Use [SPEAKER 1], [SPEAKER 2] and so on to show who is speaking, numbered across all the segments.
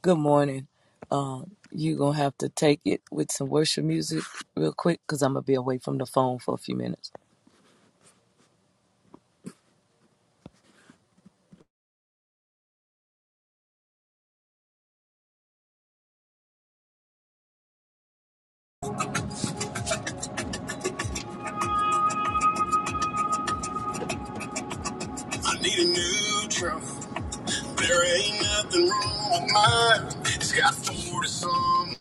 [SPEAKER 1] Good morning. Um, you gonna have to take it with some worship music real quick, cause I'm gonna be away from the phone for a few minutes.
[SPEAKER 2] I need a new truck. There ain't nothing wrong with mine. It's got four some.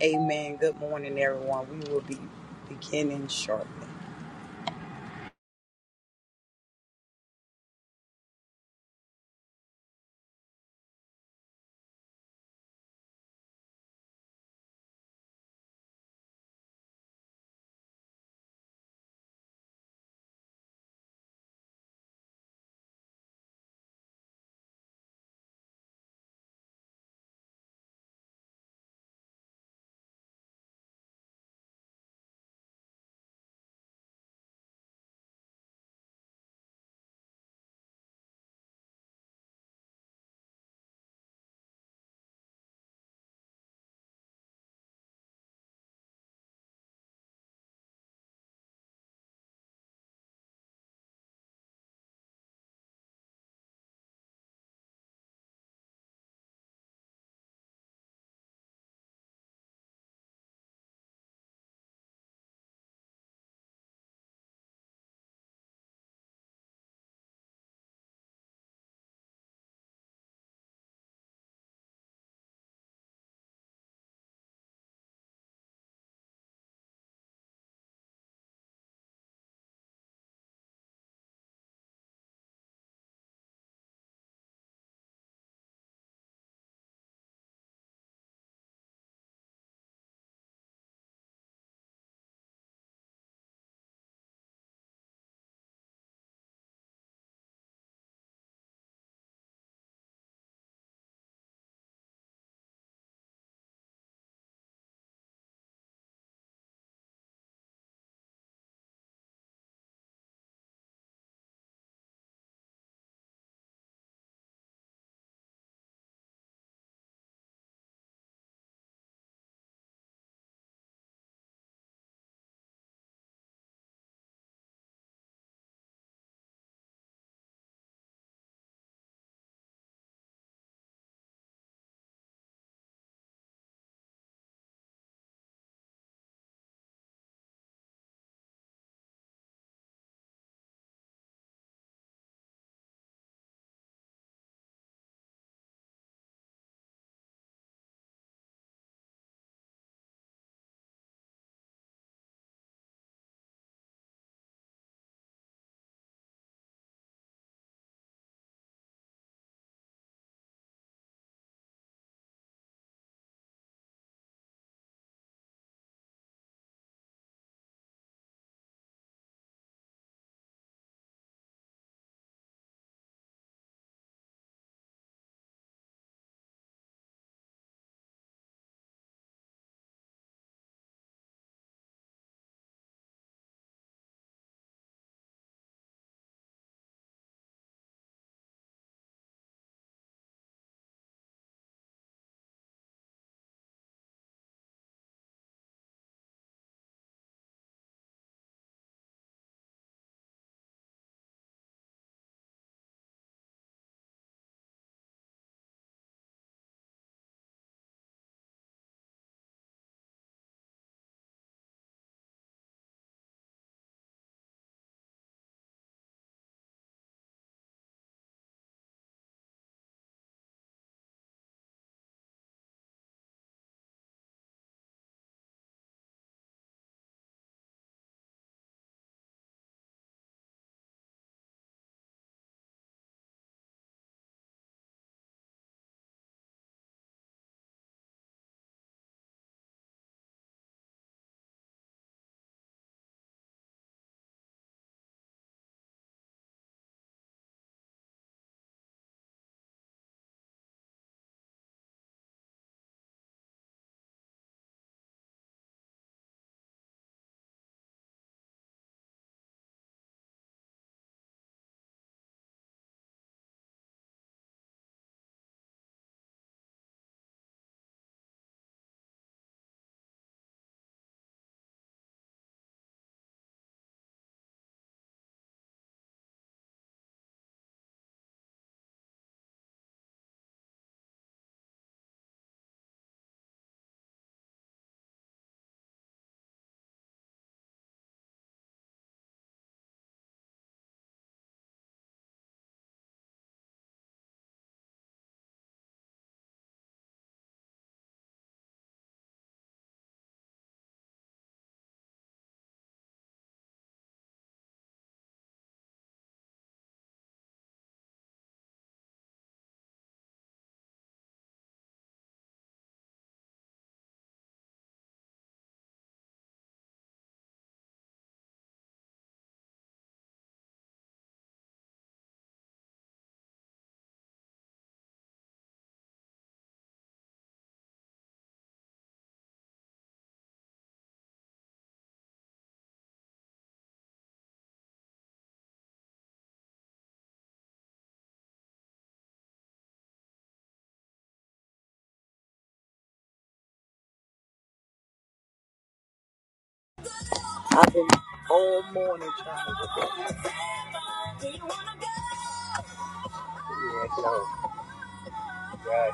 [SPEAKER 2] Amen. Good morning, everyone. We will be beginning shortly. I've been all morning trying to get that. Do you want to go? Right.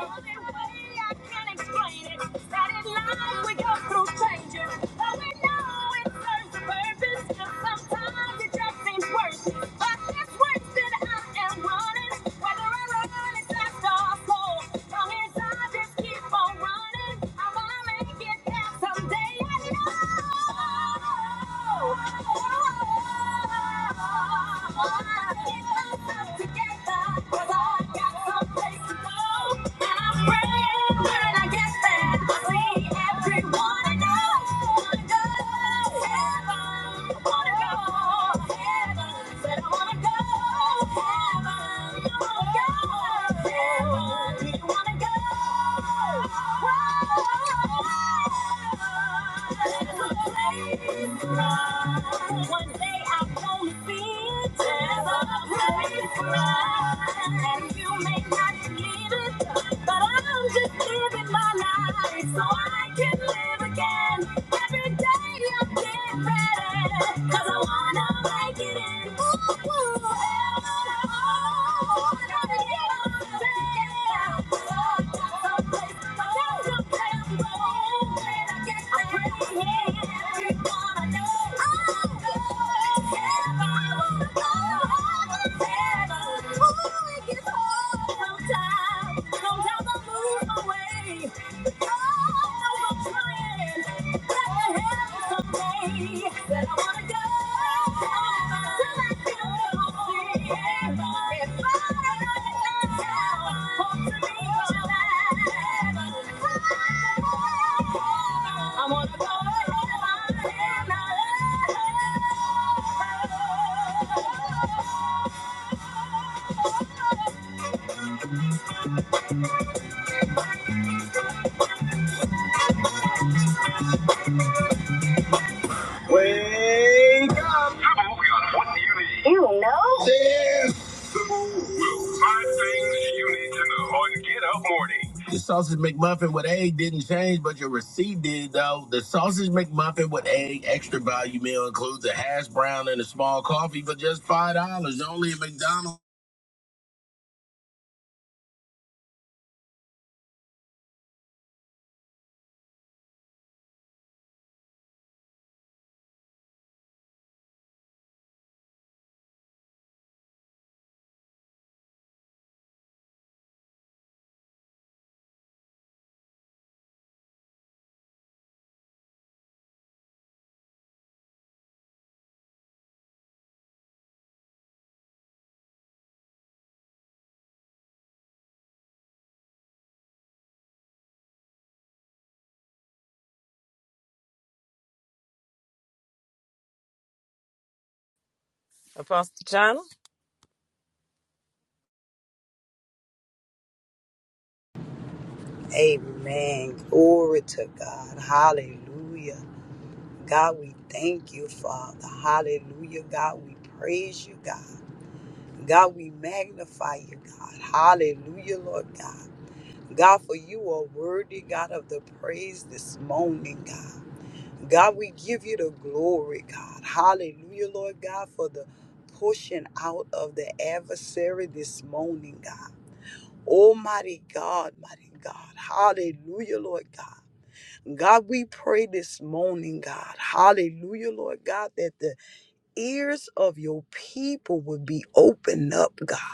[SPEAKER 2] I can't explain it. That in life we go through changes, but we know it serves a purpose. And sometimes it just seems worth it. But it's worth that I am running, whether I run it fast or slow. Long as I just keep on running, I'm gonna make it there someday. I know. Oh, oh, oh, oh, oh, oh. Get myself together, 'cause I got some one day I'm gonna be a devil. Praise God. I didn't need it, but I'm just living my life so I can live again. Every day I'm getting better, 'cause I wanna make it in. Ooh, ooh, oh, I gotta get up and get up. Someplace, someplace, someplace, oh, when I get there, yeah, you're gonna know. Oh, yeah. I'm on a go and I love. What you know. Damn. Five things you need to know on Get Up Morning. Your sausage McMuffin with egg didn't change, but your receipt did, though. The sausage McMuffin with egg extra value meal includes a hash brown and a small coffee for just $5. Only at McDonald's.
[SPEAKER 1] Apostle China?
[SPEAKER 2] Amen. Glory to God. Hallelujah. God, we thank you, Father. Hallelujah. God, we praise you, God. God, we magnify you, God. Hallelujah, Lord God. God, for you are worthy, God, of the praise this morning, God. God, we give you the glory, God. Hallelujah, Lord God, for the pushing out of the adversary this morning, God. Almighty God, mighty God. Hallelujah, Lord God. God, we pray this morning, God. Hallelujah, Lord God, that the ears of your people would be opened up, God,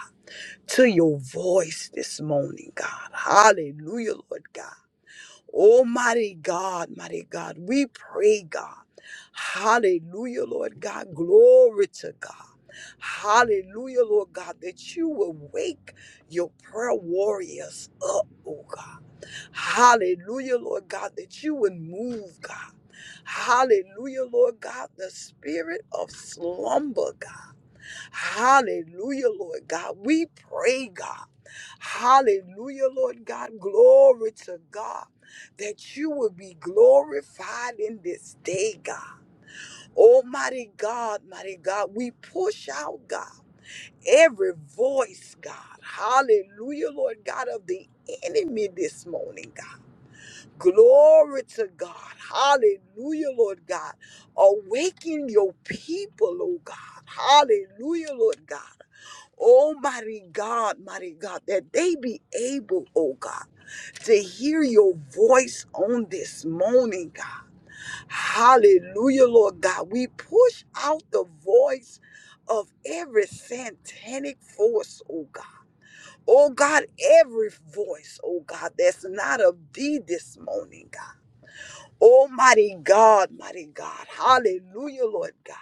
[SPEAKER 2] to your voice this morning, God. Hallelujah, Lord God. Almighty God, mighty God, we pray, God. Hallelujah, Lord God. Glory to God. Hallelujah, Lord God, that you will wake your prayer warriors up, oh God. Hallelujah, Lord God, that you would move, God. Hallelujah, Lord God, the spirit of slumber, God. Hallelujah, Lord God. We pray, God. Hallelujah, Lord God. Glory to God that you will be glorified in this day, God. Almighty God, mighty God, we push out, God, every voice, God. Hallelujah, Lord God, of the enemy this morning, God. Glory to God. Hallelujah, Lord God. Awaken your people, oh God. Hallelujah, Lord God. Oh, mighty God, mighty God, that they be able, oh God, to hear your voice on this morning, God. Hallelujah, Lord God. We push out the voice of every satanic force, oh God. Oh God, every voice, oh God, that's not of thee this morning, God. Almighty God, mighty God. Hallelujah, Lord God.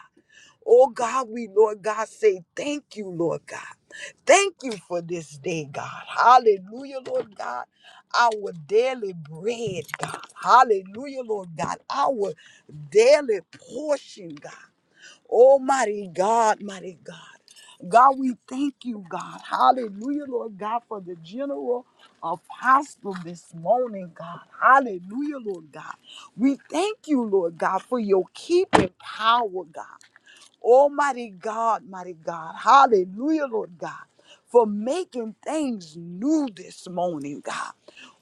[SPEAKER 2] Oh God, we, Lord God, say thank you, Lord God. Thank you for this day, God. Hallelujah, Lord God. Our daily bread, God. Hallelujah, Lord God. Our daily portion, God. Almighty God, mighty God. God, we thank you, God. Hallelujah, Lord God, for the general apostle this morning, God. Hallelujah, Lord God. We thank you, Lord God, for your keeping power, God. Almighty God, mighty God. Hallelujah, Lord God, for making things new this morning, God.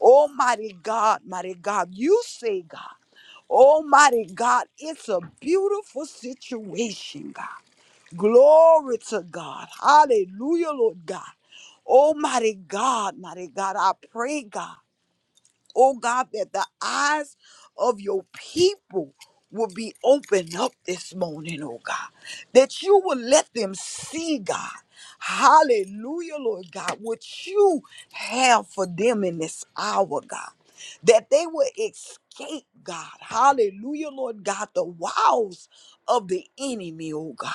[SPEAKER 2] Almighty God, mighty God, you say, God. Almighty God, it's a beautiful situation, God. Glory to God. Hallelujah, Lord God. Almighty God, mighty God, I pray, God oh God, that the eyes of your people will be opened up this morning, oh God, that you will let them see, God. Hallelujah, Lord God, what you have for them in this hour, God, that they will escape, God. Hallelujah, Lord God, the wiles of the enemy, oh God.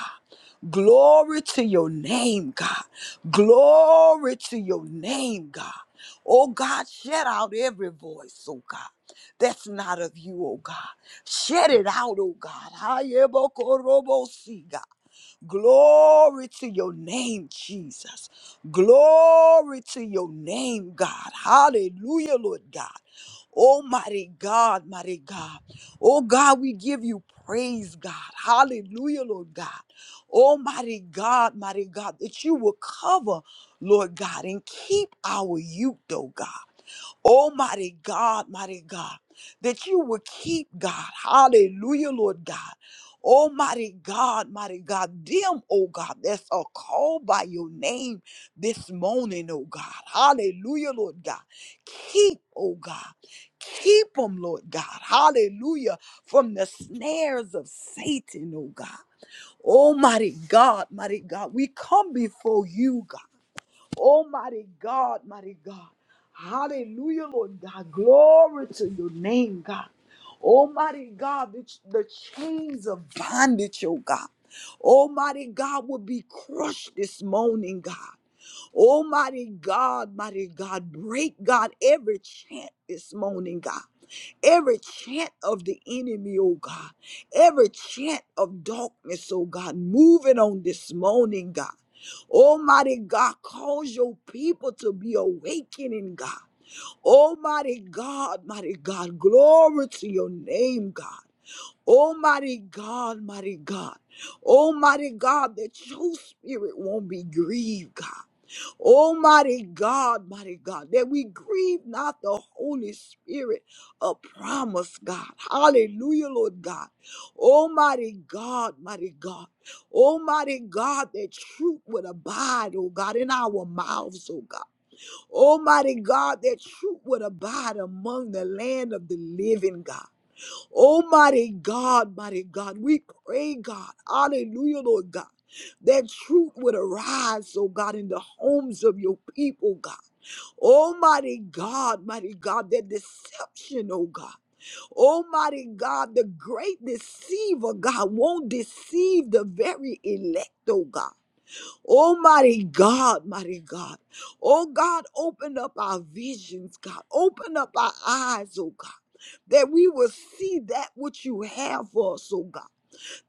[SPEAKER 2] Glory to your name, God. Glory to your name, God. Oh God, shut out every voice, oh God. That's not of you, oh God. Shut it out, oh God. Hayebokorobosi, God. Glory to your name, Jesus. Glory to your name, God. Hallelujah, Lord God. Almighty God, mighty God. Oh God, we give you praise, God. Hallelujah, Lord God. Almighty God, mighty God, that you will cover, Lord God, and keep our youth, oh God. Oh, mighty God, mighty God, that you will keep God. Hallelujah, Lord God. Almighty God, mighty God, them, oh God, that's a call by your name this morning, oh God. Hallelujah, Lord God. Keep, oh God, keep them, Lord God. Hallelujah, from the snares of Satan, oh God. Almighty God, mighty God, we come before you, God. Oh, mighty God, mighty God. Hallelujah, Lord God. Glory to your name, God. Almighty God, the, the chains of bondage, oh God. Almighty God will be crushed this morning, God. Almighty God, mighty God, break, God, every chant this morning, God. Every chant of the enemy, oh God. Every chant of darkness, oh God, moving on this morning, God. Almighty God, cause your people to be awakening, God. Almighty God, mighty God, glory to your name, God. Almighty God, mighty God. Almighty God, that your spirit won't be grieved, God. Almighty God, mighty God, that we grieve not the Holy Spirit of promise, God. Hallelujah, Lord God. Almighty God, mighty God. Almighty God, that truth would abide, oh God, in our mouths, oh God. Almighty God, that truth would abide among the land of the living, God. Almighty God, mighty God, we pray, God. Hallelujah, Lord God that truth would arise, oh God, in the homes of your people, God. Almighty God, mighty God, that deception, oh God. Almighty God, the great deceiver, God, won't deceive the very elect, oh God. Almighty God, mighty God. Oh God, open up our visions, God. Open up our eyes, oh God, that we will see that which you have for us, oh God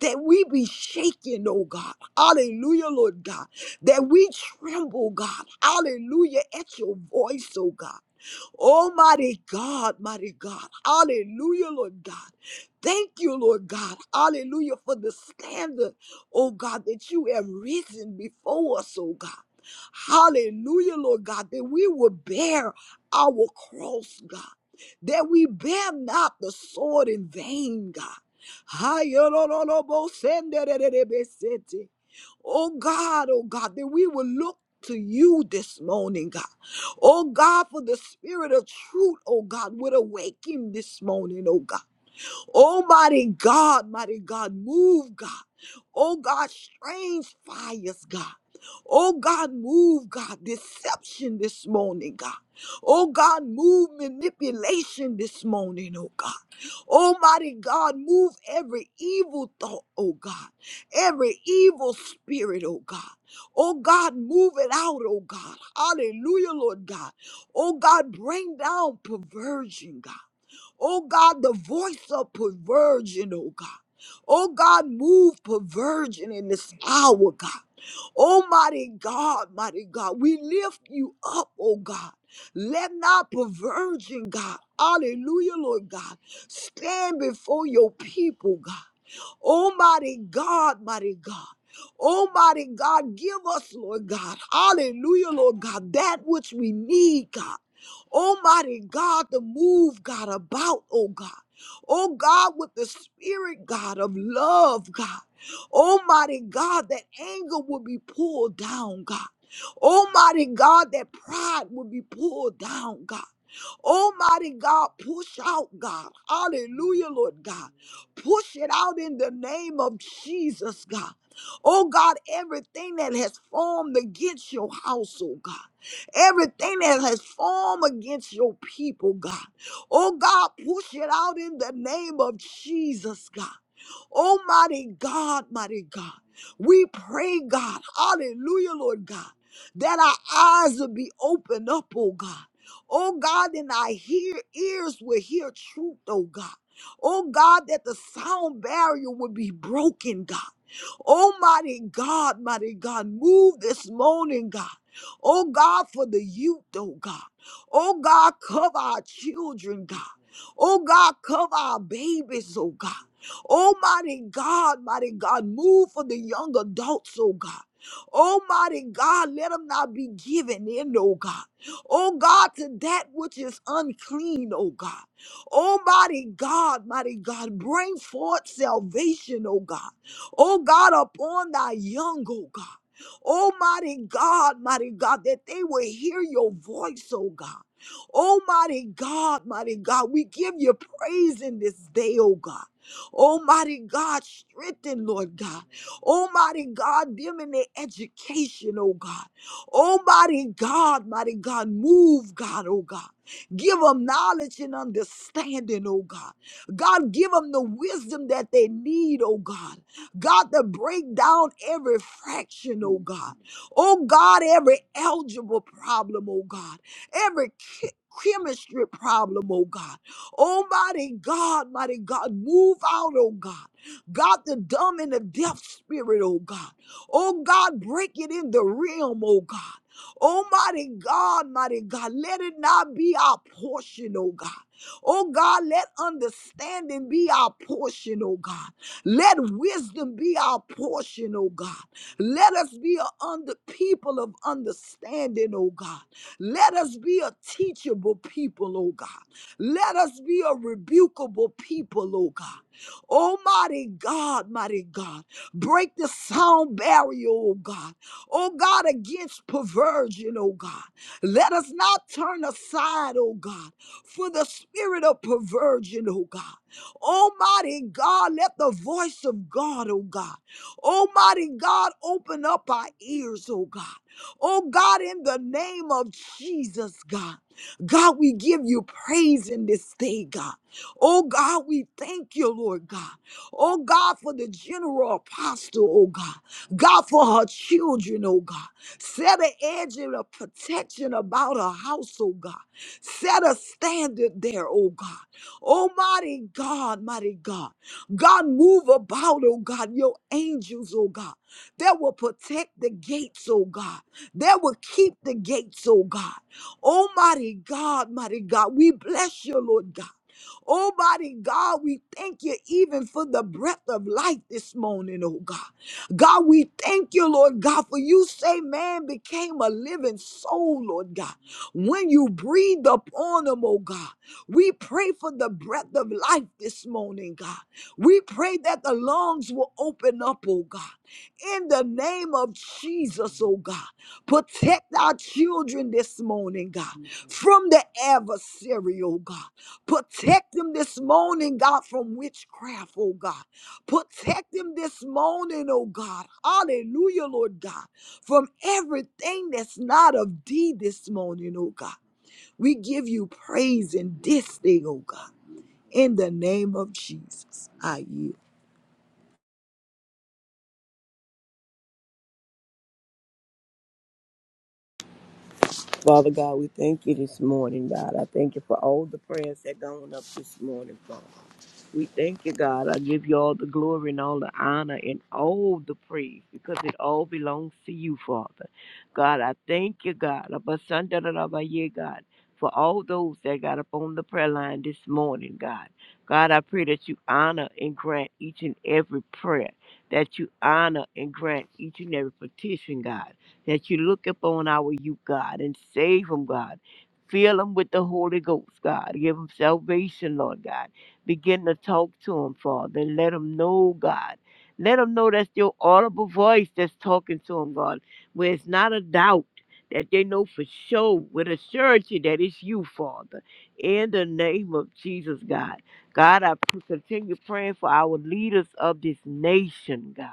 [SPEAKER 2] that we be shaken, oh God. Hallelujah, Lord God. That we tremble, God. Hallelujah, at your voice, oh God. Oh, mighty God, mighty God. Hallelujah, Lord God. Thank you, Lord God. Hallelujah for the standard, oh God, that you have risen before us, oh God. Hallelujah, Lord God, that we will bear our cross, God, that we bear not the sword in vain, God. Hayororobosendere-rebesete. Oh God, oh God, that we will look to you this morning, God. Oh God, for the spirit of truth, oh God, would awake him this morning, oh God. Oh, mighty God, mighty God, move, God. Oh, God, strange fires, God. Oh, God, move, God, deception this morning, God. Oh, God, move manipulation this morning, oh, God. Almighty God, move every evil thought, oh God, every evil spirit, oh God. Oh God, move it out, oh God. Hallelujah, Lord God. Oh God, bring down perversion, God. Oh God, the voice of perversion, oh God. Oh God, move perversion in this hour, God. Almighty God, mighty God, we lift you up, oh God. Let not perversion, God, hallelujah, Lord God, stand before your people, God. Oh, mighty God, mighty God. Almighty God, give us, Lord God, hallelujah, Lord God, that which we need, God. Almighty God, to move, God, about, oh God. Oh God, with the spirit, God, of love, God. Almighty God, that anger will be pulled down, God. Almighty God, that pride will be pulled down, God. Almighty God, push out, God. Hallelujah, Lord God. Push it out in the name of Jesus, God. Oh God, everything that has formed against your house, oh God. Everything that has formed against your people, God. Oh God, push it out in the name of Jesus, God. Oh, mighty God, mighty God. We pray, God, hallelujah, Lord God, that our eyes will be opened up, oh God. Oh God, and our hear, ears will hear truth, oh God. Oh God, that the sound barrier will be broken, God. Almighty God, mighty God, move this morning, God. Oh God, for the youth, oh God. Oh God, cover our children, God. Oh God, cover our babies, oh God. Oh, mighty God, mighty God, move for the young adults, oh God. Oh, mighty God, let them not be given in, oh God. Oh, God, to that which is unclean, oh God. Oh, mighty God, mighty God, bring forth salvation, oh God. Oh, God, upon thy young, oh God. Almighty God, mighty God, that they will hear your voice, oh God. Almighty God, mighty God, we give you praise in this day, oh God. Almighty God, strengthen, Lord God. Almighty God, them in their education, oh God. Almighty God, mighty God, move, God, oh God. Give them knowledge and understanding, oh God. God, give them the wisdom that they need, oh God. God, to break down every fraction, oh God. Oh God, every algebra problem, oh God. Every chi- chemistry problem, oh God. Oh, mighty God, mighty God, move out, oh God. God, the dumb and the deaf spirit, oh God. Oh God, break it in the realm, oh God. Oh, mighty God, mighty God, let it not be our portion, oh God. Oh God, let understanding be our portion, oh God. Let wisdom be our portion, oh God. Let us be a under people of understanding, oh God. Let us be a teachable people, oh God. Let us be a rebukable people, oh God. Almighty God, mighty God, break the sound barrier, oh God. Oh God, against perversion, oh God. Let us not turn aside, oh God, for the spirit of perversion, oh God. Almighty God, let the voice of God, oh God. Almighty God, open up our ears, oh God. Oh God, in the name of Jesus, God. God, we give you praise in this day, God. Oh God, we thank you, Lord God. Oh God, for the general apostle, oh God. God, for her children, oh God. Set an edge and a protection about her house, oh God. Set a standard there, oh God. Almighty God, mighty God. God, move about, oh God, your angels, oh God. That will protect the gates, oh God. That will keep the gates, oh God. Oh, mighty God, mighty God, we bless you, Lord God. Oh, mighty God, we thank you even for the breath of life this morning, oh God. God, we thank you, Lord God, for you say man became a living soul, Lord God. When you breathed upon him, oh God, we pray for the breath of life this morning, God. We pray that the lungs will open up, oh God. In the name of Jesus, oh God, protect our children this morning, God, from the adversary, oh God. Protect them this morning, God, from witchcraft, oh God. Protect them this morning, oh God. Hallelujah, Lord God, from everything that's not of thee this morning, oh God. We give you praise in this thing, oh God. In the name of Jesus, I yield.
[SPEAKER 3] Father God, we thank you this morning, God. I thank you for all the prayers that gone up this morning, Father. We thank you, God. I give you all the glory and all the honor and all the praise because it all belongs to you, Father. God, I thank you, God. Abasandarabaye, God, for all those that got up on the prayer line this morning, God. God, I pray that you honor and grant each and every prayer, that you honor and grant each and every petition, God, that you look upon our youth, God, and save them, God. Fill them with the Holy Ghost, God. Give them salvation, Lord God. Begin to talk to them, Father, and let them know, God. Let them know that's your audible voice that's talking to them, God, where it's not a doubt. That they know for sure with a surety that it's you, Father. In the name of Jesus, God. God, I p- continue praying for our leaders of this nation, God.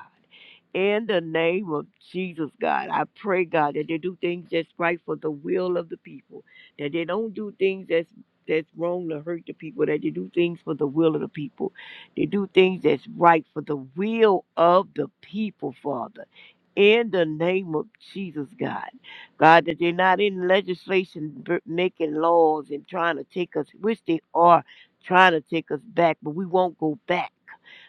[SPEAKER 3] In the name of Jesus, God, I pray, God, that they do things that's right for the will of the people, that they don't do things that's that's wrong to hurt the people, that they do things for the will of the people. They do things that's right for the will of the people, Father. In the name of Jesus, God. God, that they're not in legislation b- making laws and trying to take us, which they are trying to take us back, but we won't go back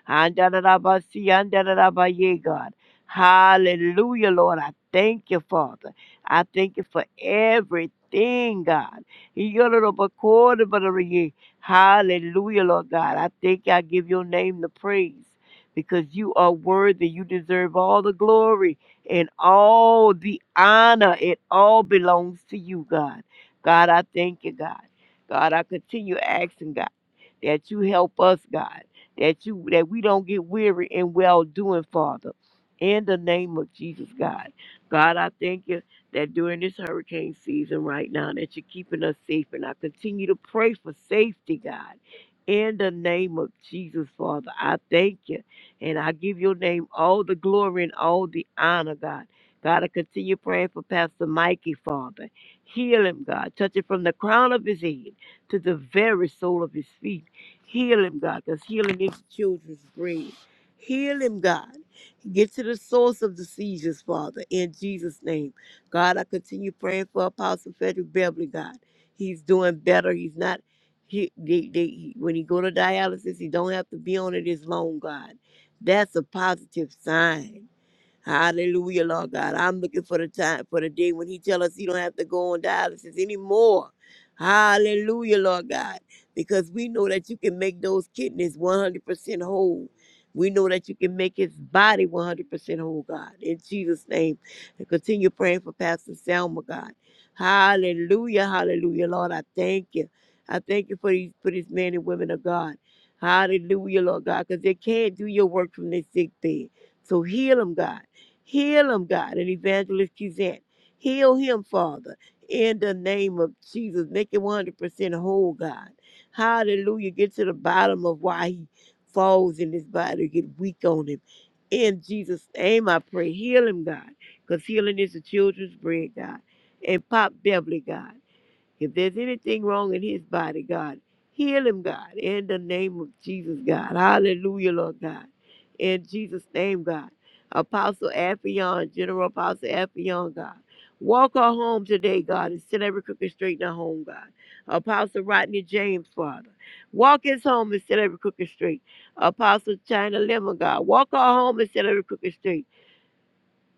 [SPEAKER 3] Andarabasi, andarabaye, God. Hallelujah, Lord. I thank you, Father. I thank you for everything, God. Yororobakorobarabaraye. Hallelujah, Lord God. I thank you. I give your name the praise because you are worthy. You deserve all the glory and all the honor. It all belongs to you, God. God, I thank you, God. God, I continue asking, God, that you help us, God that you that we don't get weary in well doing, Father. In the name of Jesus, God. God, I thank you that during this hurricane season right now that you're keeping us safe. And I continue to pray for safety, God. In the name of Jesus, Father, I thank you. And I give your name all the glory and all the honor, God. God, I continue praying for Pastor Mikey, Father. Heal him, God. Touch it from the crown of his head to the very sole of his feet. Heal him, God, because healing is the children's bread. Heal him, God. Get to the source of the seizures, Father, in Jesus' name. God, I continue praying for Apostle Frederick Beverly, God. He's doing better. He's not, he, they, they, when he go to dialysis, he don't have to be on it as long, God. That's a positive sign. Hallelujah, Lord God. I'm looking for the time, for the day when He tell us He don't have to go on dialysis anymore. Hallelujah, Lord God, because we know that you can make those kidneys 100% whole. We know that you can make His body 100% whole, God. In Jesus' name, and continue praying for Pastor Selma, God. Hallelujah, Hallelujah, Lord. I thank you. I thank you for these for these men and women of God. Hallelujah, Lord God, because they can't do your work from their sick bed. So heal them, God. Heal him, God, and Evangelist Kizant. Heal him, Father, in the name of Jesus. Make him 100% whole, God. Hallelujah. Get to the bottom of why he falls in his body, get weak on him. In Jesus' name, I pray. Heal him, God, because healing is the children's bread, God. And Pop Beverly, God. If there's anything wrong in his body, God, heal him, God, in the name of Jesus, God. Hallelujah, Lord God. In Jesus' name, God. Apostle Affion, General Apostle Affion, God. Walk her home today, God, and set every crooked straight in her home, God. Apostle Rodney James, Father. Walk his home and set every crooked straight. Apostle China Lemon, God. Walk her home and set every crooked straight.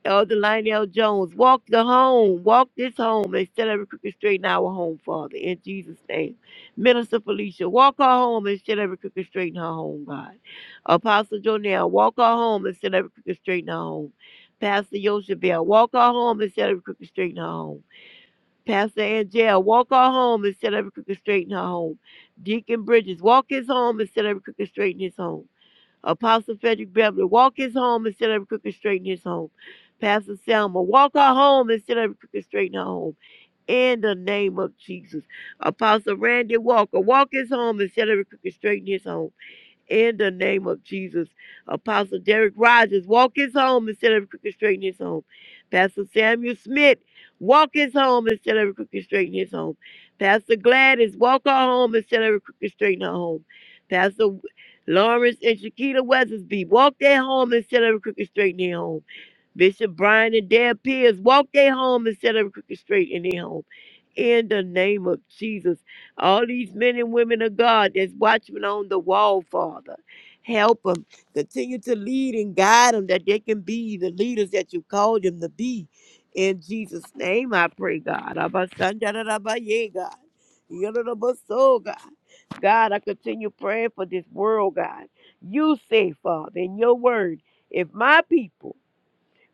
[SPEAKER 3] Elder Lionel Jones, walk the home, walk this home, and set every crooked straight in our home, Father, in Jesus' name. Minister Felicia, walk her home and set every crooked straight in her home, God. Apostle Jonell, walk her home and set every crooked straight in her home. Pastor Yoshabel, walk her home and set every crooked straight in her home. Pastor Angel, walk her home and set every crooked straight in her home. Deacon Bridges, walk his home and set every crooked straight in his home. Apostle Frederick Beverly, walk his home instead of crooked straighten his home. Pastor Selma, walk her home instead of crooked straighten her home. In the name of Jesus. Apostle Randy Walker, walk his home instead of crooked straighten his home in the name of Jesus. Apostle Derek Rogers, walk his home instead of crooked straighten his home. Pastor Samuel Smith, walk his home instead of crooked straighten his home. Pastor Gladys, walk her home instead of crooked straighten her home. Pastor Lawrence and Shakita Weathersby, walk their home instead of crooked straighten their home. Bishop Brian and Deb Pierce, walk their home instead of crooked straighten their home in the name of Jesus. All these men and women of God that's watching on the wall, Father, help them. Continue to lead and guide them that they can be the leaders that you called them to be. In Jesus' name, I pray, God. Abba, Sanda, da, da, ba, yeah, God. Yada, da, ba, so, God, God, I continue praying for this world, God. You say, Father, in your word, if my people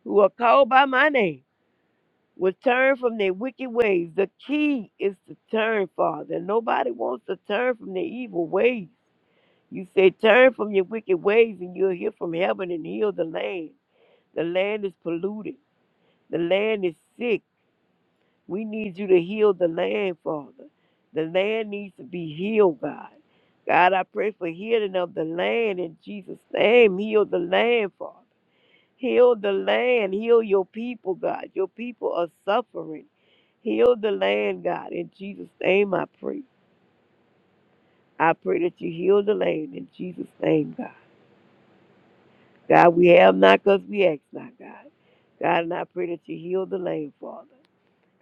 [SPEAKER 3] who are called by my name, will turn from their wicked ways. The key is to turn, Father. Nobody wants to turn from their evil ways. You say, Turn from your wicked ways, and you'll hear from heaven and heal the land. The land is polluted, the land is sick. We need you to heal the land, Father. The land needs to be healed, God. God, I pray for healing of the land in Jesus' name. Heal the land, Father. Heal the land. Heal your people, God. Your people are suffering. Heal the land, God. In Jesus' name, I pray. I pray that you heal the land in Jesus' name, God. God, we have not because we ask not, God. God, and I pray that you heal the land, Father.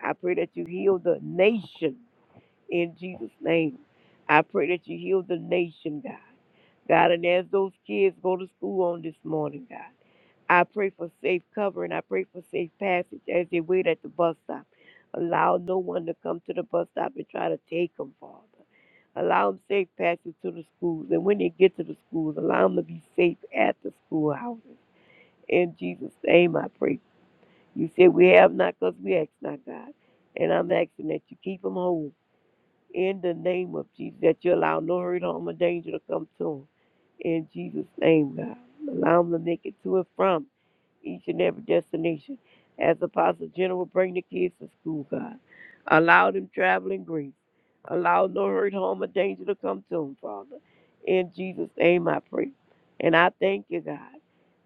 [SPEAKER 3] I pray that you heal the nation in Jesus' name. I pray that you heal the nation, God. God, and as those kids go to school on this morning, God. I pray for safe covering. I pray for safe passage as they wait at the bus stop. Allow no one to come to the bus stop and try to take them, Father. Allow them safe passage to the schools. And when they get to the schools, allow them to be safe at the schoolhouses. In Jesus' name, I pray. You said we have not because we ask not, God. And I'm asking that you keep them whole. In the name of Jesus, that you allow no hurt, harm, or danger to come to them. In Jesus' name, God. Allow them to make it to and from each and every destination. As Apostle General, bring the kids to school, God. Allow them traveling grace. Allow no hurt, harm, or danger to come to them, Father. In Jesus' name I pray. And I thank you, God.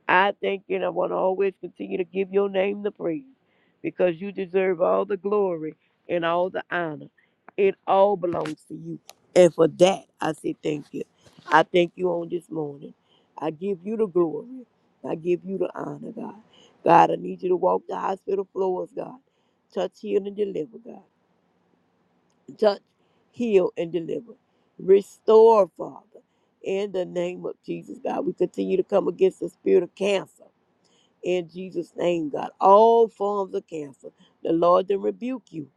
[SPEAKER 3] I thank you and I want to always continue to give your name the praise because you deserve all the glory and all the honor. It all belongs to you. And for that, I say thank you. I thank you on this morning. I give you the glory. I give you the honor, God. God, I need you to walk the hospital floors, God. Touch, heal, and deliver, God. Touch, heal, and deliver. Restore, Father. In the name of Jesus, God, we continue to come against the spirit of cancer in Jesus' name, God. All forms of cancer, the Lord then rebuke you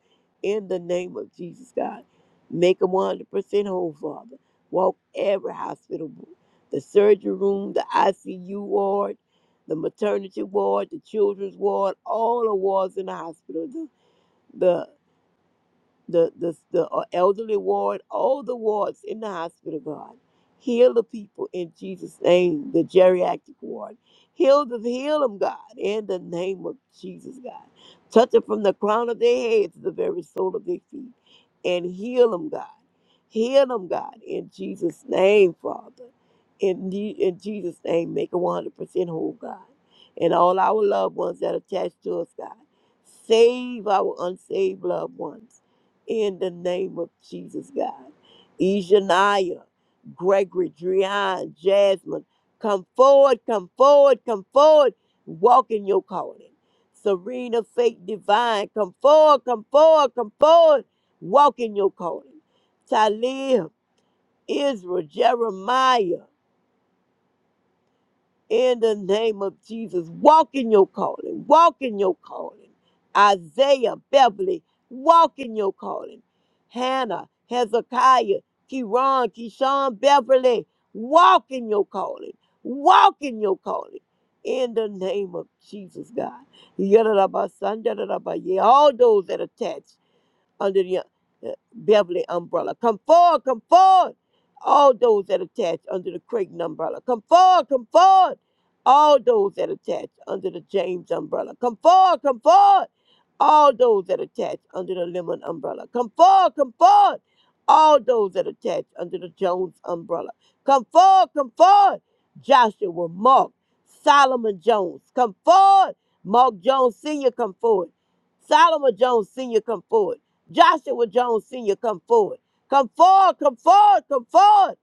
[SPEAKER 3] in the name of Jesus, God. Make them 100% whole, Father. Walk every hospital, room, the surgery room, the ICU ward, the maternity ward, the children's ward, all the wards in the hospital, The the the, the, the uh, elderly ward, all the wards in the hospital, God. Heal the people in Jesus' name, the geriatric ward. Heal the heal them, God, in the name of Jesus, God. Touch them from the crown of their heads to the very sole of their feet. And heal them, God. Heal them, God, in Jesus' name, Father. In, the, in Jesus' name, make them 100% whole, God. And all our loved ones that are attached to us, God. Save our unsaved loved ones in the name of Jesus, God. Ishaniah, Gregory, Drian, Jasmine, come forward, come forward, come forward. Walk in your calling. Serena, faith divine, come forward, come forward, come forward. Walk in your calling. Talib, Israel, Jeremiah, in the name of Jesus. Walk in your calling. Walk in your calling. Isaiah, Beverly, walk in your calling. Hannah, Hezekiah, Kiran, Keyshawn, Beverly, walk in your calling. Walk in your calling. In the name of Jesus, God. Yadadabasandadadabaye. All those that attach under the uh, Beverly umbrella. Come forward, come forward. All those that attach under the Creighton umbrella. Come forward, come forward. All those that attach under the James umbrella. Come forward, come forward. All those that attach under the Lemon umbrella. Come forward, come forward. All those that attach under the Jones umbrella. Come forward, come forward. Joshua, Mark, Solomon Jones. Come forward. Mark Jones Sr. come forward. Solomon Jones Sr. come forward. Joshua Jones Sr., come forward. Come forward, come forward, come forward.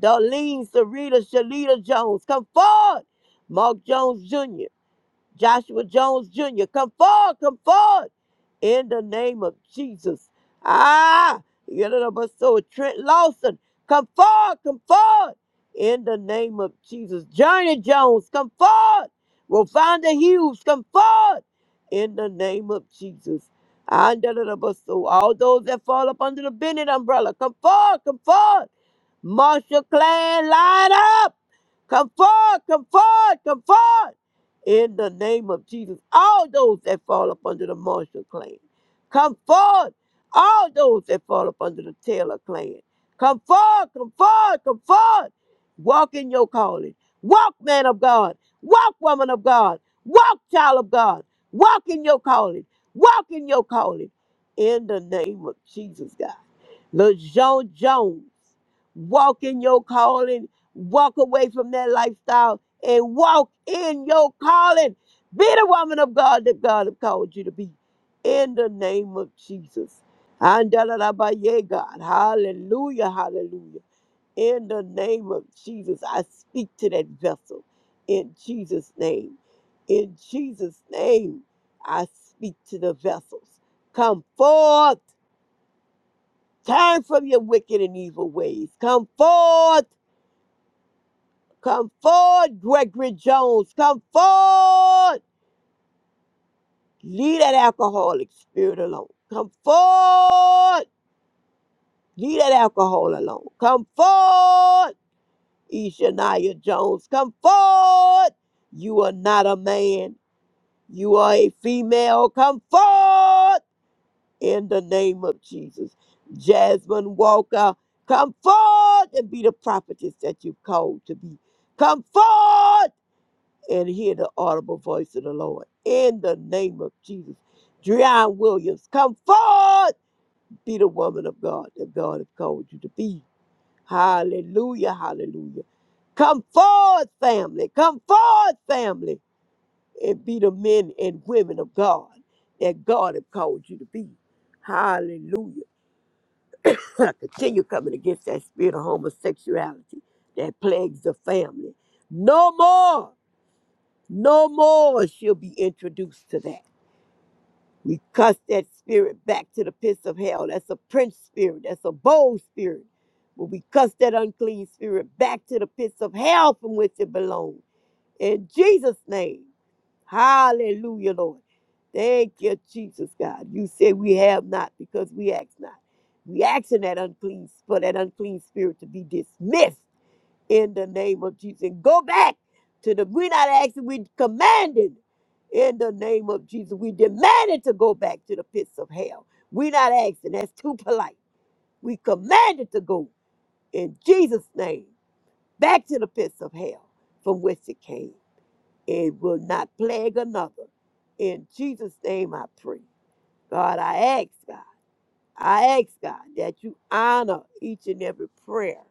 [SPEAKER 3] Darlene Sarita Shalita Jones, come forward. Mark Jones Jr., Joshua Jones Jr., come forward, come forward in the name of Jesus. Ah, you know, but so Trent Lawson, come forward, come forward in the name of Jesus. Journey Jones, come forward. Rovanda Hughes, come forward in the name of Jesus. And da, da, da, but so all those that fall up under the Bennett umbrella, come forward, come forward. Marshall Clan, line up. Come forward, come forward, come forward in the name of Jesus. All those that fall up under the Marshall clan, come forward. All those that fall up under the Taylor clan, come forward, come forward, come forward. Walk in your calling. Walk, man of God. Walk, woman of God. Walk, child of God. Walk in your calling. Walk in your calling. In the name of Jesus, God. LeJean Jones. Walk in your calling. Walk away from that lifestyle and walk in your calling. Be the woman of God that God have called you to be. In the name of Jesus. Andalarabaye, God. Hallelujah. Hallelujah. In the name of Jesus, I speak to that vessel. In Jesus' name. In Jesus' name, I speak to the vessels. Come forth Turn from your wicked and evil ways. Come forth. Come forward, Gregory Jones. Come forward. Leave that alcoholic spirit alone. Come forward. Leave that alcohol alone. Come forward, Ishaniah Jones. Come forward. You are not a man. You are a female. Come forward. in the name of Jesus. Jasmine Walker, come forward and be the prophetess that you've called to be. Come forward and hear the audible voice of the Lord in the name of Jesus. Dreon Williams, come forth, be the woman of God that God has called you to be. Hallelujah, hallelujah. Come forward, family. Come forward, family, and be the men and women of God that God has called you to be. Hallelujah. continue coming against that spirit of homosexuality that plagues the family. No more, no more she'll be introduced to that. We cuss that spirit back to the pits of hell. That's a prince spirit, that's a bold spirit. But we cuss that unclean spirit back to the pits of hell from which it belongs. In Jesus' name. Hallelujah, Lord. Thank you, Jesus God. You say we have not because we ask not. We asking that unclean for that unclean spirit to be dismissed in the name of Jesus. And go back to the we're not asking, we commanded in the name of Jesus. We demanded to go back to the pits of hell. We're not asking. That's too polite. We commanded to go in Jesus' name back to the pits of hell from which it came. It will not plague another. In Jesus' name I pray. God, I ask God, I ask God that you honor each and every prayer,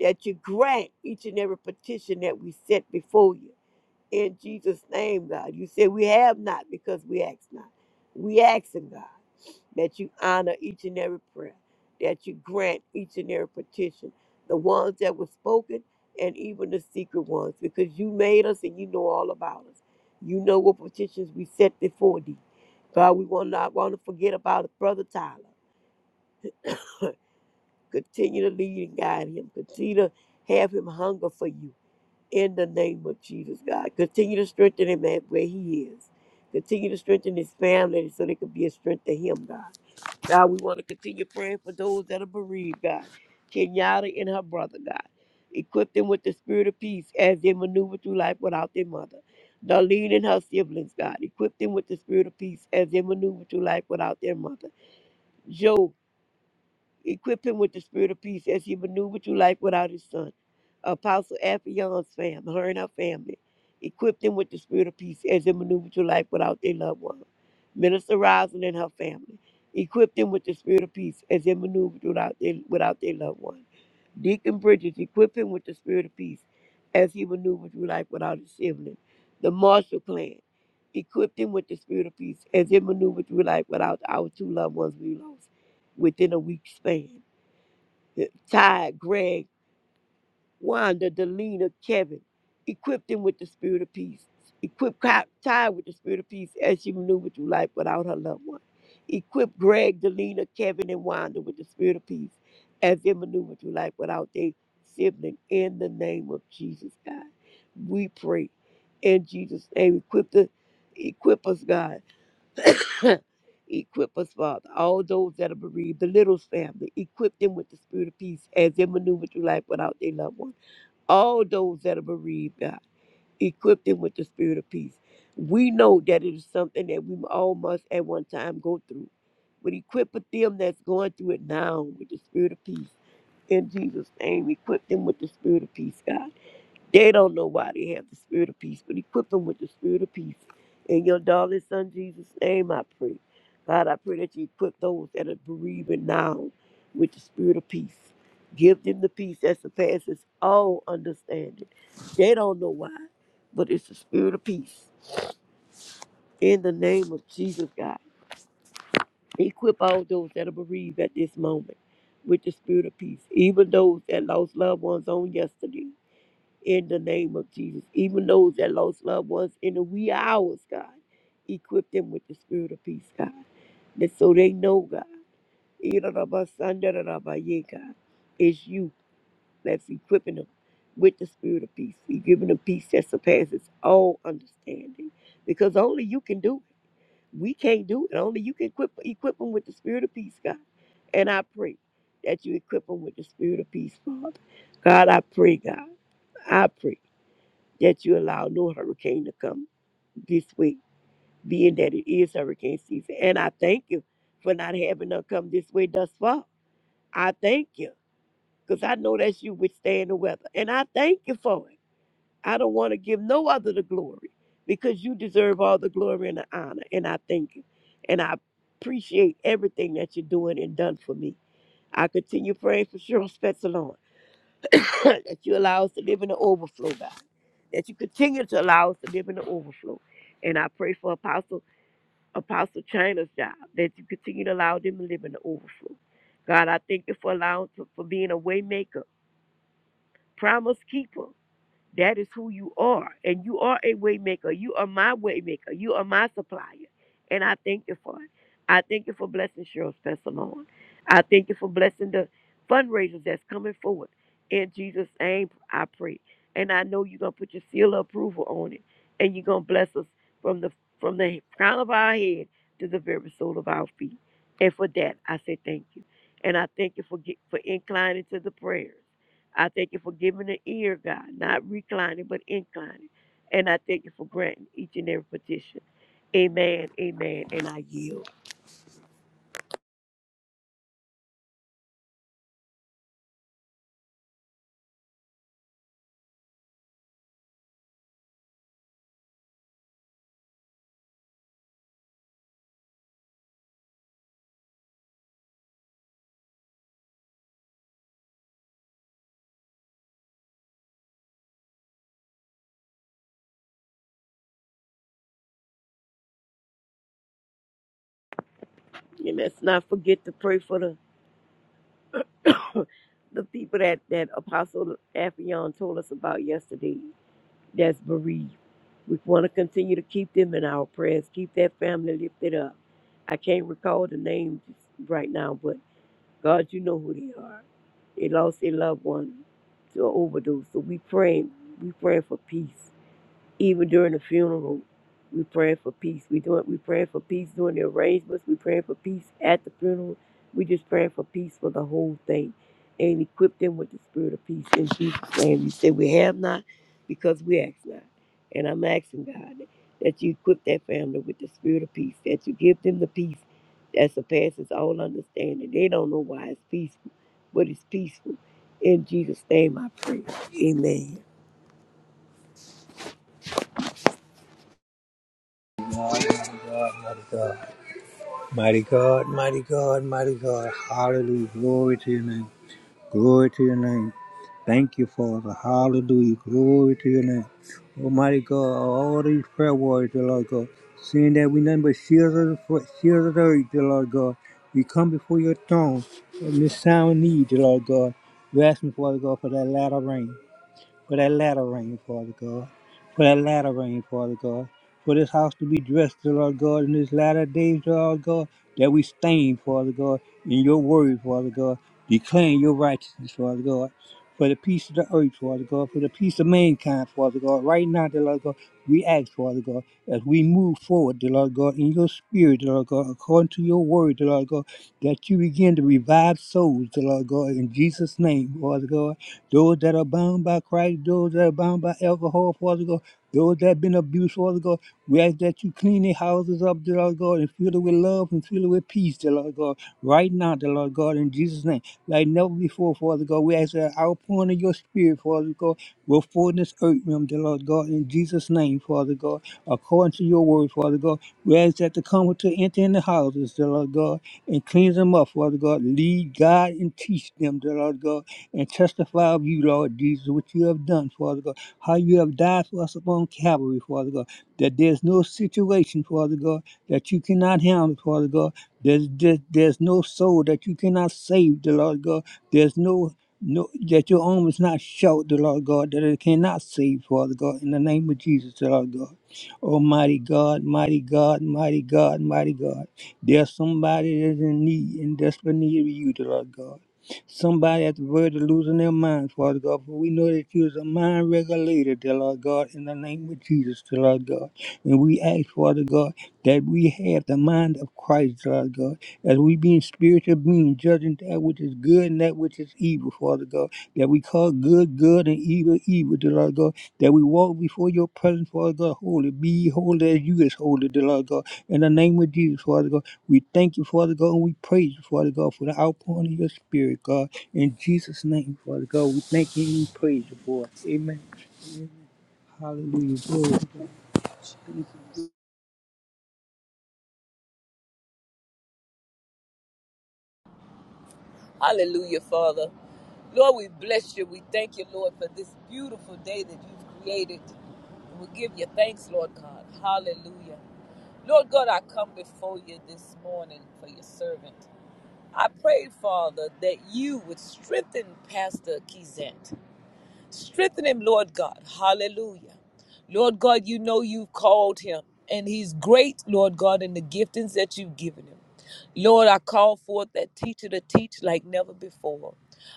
[SPEAKER 3] that you grant each and every petition that we set before you. In Jesus' name, God. You said we have not because we ask not. We ask in God that you honor each and every prayer, that you grant each and every petition, the ones that were spoken and even the secret ones, because you made us and you know all about us. You know what petitions we set before thee. God, we will not want to forget about Brother Tyler. Continue to lead and guide him. Continue to have him hunger for you in the name of Jesus, God. Continue to strengthen him at where he is. Continue to strengthen his family so they could be a strength to him, God. God, we want to continue praying for those that are bereaved, God. Kenyatta and her brother, God. Equip them with the spirit of peace as they maneuver through life without their mother. Darlene and her siblings, God. Equip them with the spirit of peace as they maneuver through life without their mother. Joe. Equip him with the spirit of peace as he maneuvered through life without his son. Apostle Afion's family, her and her family. Equip them with the spirit of peace as they maneuver through life without their loved one. Minister Rosin and her family. Equip them with the spirit of peace as they maneuver without their, without their loved one. Deacon Bridges, equip him with the spirit of peace as he maneuvered through life without his sibling. The Marshall Clan, equipped him with the spirit of peace as he maneuvered through life without our two loved ones we lost within a week span. Ty, Greg, Wanda, Delina, Kevin. Equip them with the spirit of peace. Equip Ki- Ty with the spirit of peace as she maneuvered through life without her loved one. Equip Greg, Delina, Kevin, and Wanda with the spirit of peace as they maneuver through life without their sibling. In the name of Jesus, God, we pray. In Jesus' name, equip the, equip us, God. Equip us, Father, all those that are bereaved, the Littles family, equip them with the spirit of peace as they maneuver through life without their loved one all those that are bereaved, God. Equip them with the spirit of peace. We know that it is something that we all must at one time go through. But equip with them that's going through it now with the spirit of peace. In Jesus' name, equip them with the spirit of peace, God. They don't know why they have the spirit of peace, but equip them with the spirit of peace. In your darling son Jesus' name, I pray. God, I pray that you equip those that are bereaving now with the spirit of peace. Give them the peace that surpasses all understanding. They don't know why, but it's the spirit of peace. In the name of Jesus, God, equip all those that are bereaved at this moment with the spirit of peace, even those that lost loved ones on yesterday in the name of Jesus. Even those that lost loved ones in the wee hours, God, equip them with the spirit of peace, God. That so they know, God, Irarabasandarabaye, God, it's you that's equipping them with the spirit of peace. You're giving them peace that surpasses all understanding. Because only you can do it. We can't do it. Only you can equip, equip them with the spirit of peace, God. And I pray that you equip them with the spirit of peace, Father. God, I pray, God. I pray that you allow no hurricane to come this way, being that it is hurricane season. And I thank you for not having her come this way thus far. I thank you because I know that you withstand the weather. And I thank you for it. I don't want to give no other the glory because you deserve all the glory and the honor. And I thank you. And I appreciate everything that you're doing and done for me. I continue praying for Cheryl Spetzalon. that you allow us to live in the overflow, God. That you continue to allow us to live in the overflow. And I pray for Apostle Apostle China's job, that you continue to allow them to live in the overflow. God, I thank you for allowing for, for being a way maker, promise keeper. That is who you are. And you are a waymaker. You are my waymaker. You are my supplier. And I thank you for it. I thank you for blessing Cheryl Spencer Lord. I thank you for blessing the fundraisers that's coming forward. In Jesus' name, I pray. And I know you're gonna put your seal of approval on it. And you're gonna bless us from the from the crown of our head to the very sole of our feet. And for that, I say thank you. And I thank you for get, for inclining to the prayers. I thank you for giving the ear, God, not reclining, but inclining. And I thank you for granting each and every petition. Amen, amen, and I yield. And let's not forget to pray for the the people that, that Apostle Affion told us about yesterday that's bereaved. We want to continue to keep them in our prayers, keep that family lifted up. I can't recall the name just right now, but God, you know who they are. They lost a loved one to an overdose. So we praying, we praying for peace. Even during the funeral, we praying for peace. We doing we praying for peace during the arrangements. We praying for peace at the funeral. We just praying for peace for the whole thing, and equip them with the spirit of peace in Jesus' name. You say we have not because we ask not, and I'm asking God that you equip that family with the spirit of peace. That you give them the peace that surpasses all understanding. They don't know why it's peaceful, but it's peaceful. In Jesus' name I pray. Amen.
[SPEAKER 2] Mighty God, mighty God, mighty God. Hallelujah. Glory to your name. Glory to your name. Thank you, Father. Hallelujah. Glory to your name. Almighty God, all these prayer warriors, dear Lord God, seeing that we nothing but shields of the foot, shields of the earth, dear Lord God. We come before your throne in this time of need, dear Lord God. We're asking, Father God, for that latter rain for that latter rain, Father God, for that latter rain, Father God, for this house to be dressed, dear Lord God, in this latter days, dear Lord God, that we stand, Father God, in your word, Father God, declaring your righteousness, Father God, for the peace of the earth, Father God, for the peace of mankind, Father God. Right now, dear Lord God, we ask, Father God, as we move forward, dear Lord God, in your spirit, dear Lord God, according to your word, dear Lord God, that you begin to revive souls, dear Lord God, in Jesus' name, Father God. Those that are bound by Christ, those that are bound by alcohol, Father God, those that have been abused, Father God, we ask that you clean their houses up, dear Lord God, and fill it with love and fill it with peace, dear Lord God, right now, dear Lord God, in Jesus' name. Like never before, Father God, we ask that outpouring of your spirit, Father God, will fall in this earth realm, dear Lord God, in Jesus' name, Father God, according to your word, Father God. We ask that the comforter enter in the houses, dear Lord God, and cleanse them up, Father God. Lead, God, and teach them, dear Lord God and testify of you, Lord Jesus, what you have done, Father God, how you have died for us upon Calvary, Father God, that there's no situation, Father God, that you cannot handle, Father God. There's, there's, there's no soul that you cannot save, the Lord God. There's no no, that your arm is not short, the Lord God, that it cannot save, Father God, in the name of Jesus, the Lord God. Almighty God, mighty God, mighty God, mighty God. There's somebody that's in need and desperate need of you, the Lord God. Somebody at the verge of losing their minds, Father God. For we know that you is a mind regulator, dear Lord God, in the name of Jesus, dear Lord God. And we ask, Father God, that we have the mind of Christ, dear Lord God. As we being spiritual beings, judging that which is good and that which is evil, Father God. That we call good, good, and evil, evil, dear Lord God. That we walk before your presence, Father God, holy. Be holy as you is holy, dear Lord God. In the name of Jesus, Father God. We thank you, Father God, and we praise you, Father God, for the outpouring of your spirit, God. In Jesus' name, Father God, we thank you and we praise you for Amen. Hallelujah. Glory.
[SPEAKER 1] Hallelujah, Father. Lord, we bless you. We thank you, Lord, for this beautiful day that you've created. We give you thanks, Lord God. Hallelujah. Lord God, I come before you this morning for your servant. I pray, Father, that you would strengthen Pastor Kizant. Strengthen him, Lord God. Hallelujah. Lord God, you know you've called him, and he's great, Lord God, in the giftings that you've given him. Lord, I call forth that teacher to teach like never before.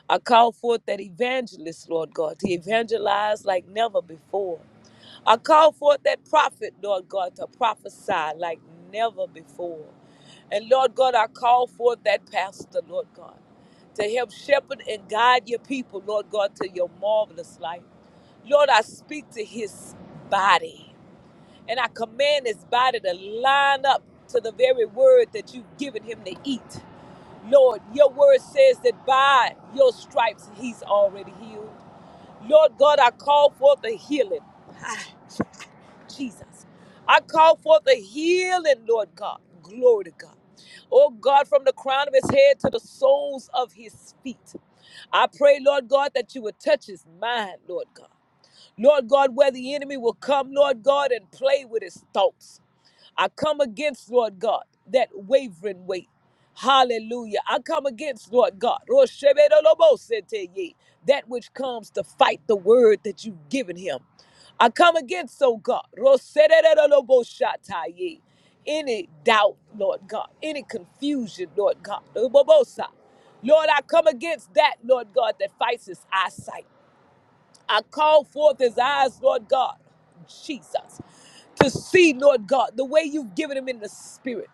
[SPEAKER 1] I call forth that evangelist, Lord God, to evangelize like never before. I call forth that prophet, Lord God, to prophesy like never before. And Lord God, I call forth that pastor, Lord God, to help shepherd and guide your people, Lord God, to your marvelous light. Lord, I speak to his body and I command his body to line up to the very word that you've given him to eat. Lord, your word says that by your stripes he's already healed. Lord God, I call forth the healing. Jesus. I call forth the healing, Lord God. Glory to God. Oh God, from the crown of his head to the soles of his feet. I pray, Lord God, that you would touch his mind, Lord God. Lord God, where the enemy will come, Lord God, and play with his thoughts. I come against, Lord God, that wavering weight. Hallelujah. I come against, Lord God, Roshebedolobosete, that which comes to fight the word that you've given him. I come against, oh God, Rosededoloboshatai, any doubt, Lord God, any confusion, Lord God. Obobosa. Lord, I come against that, Lord God, that fights his eyesight. I call forth his eyes, Lord God, Jesus, to see, Lord God, the way you've given him in the spirit.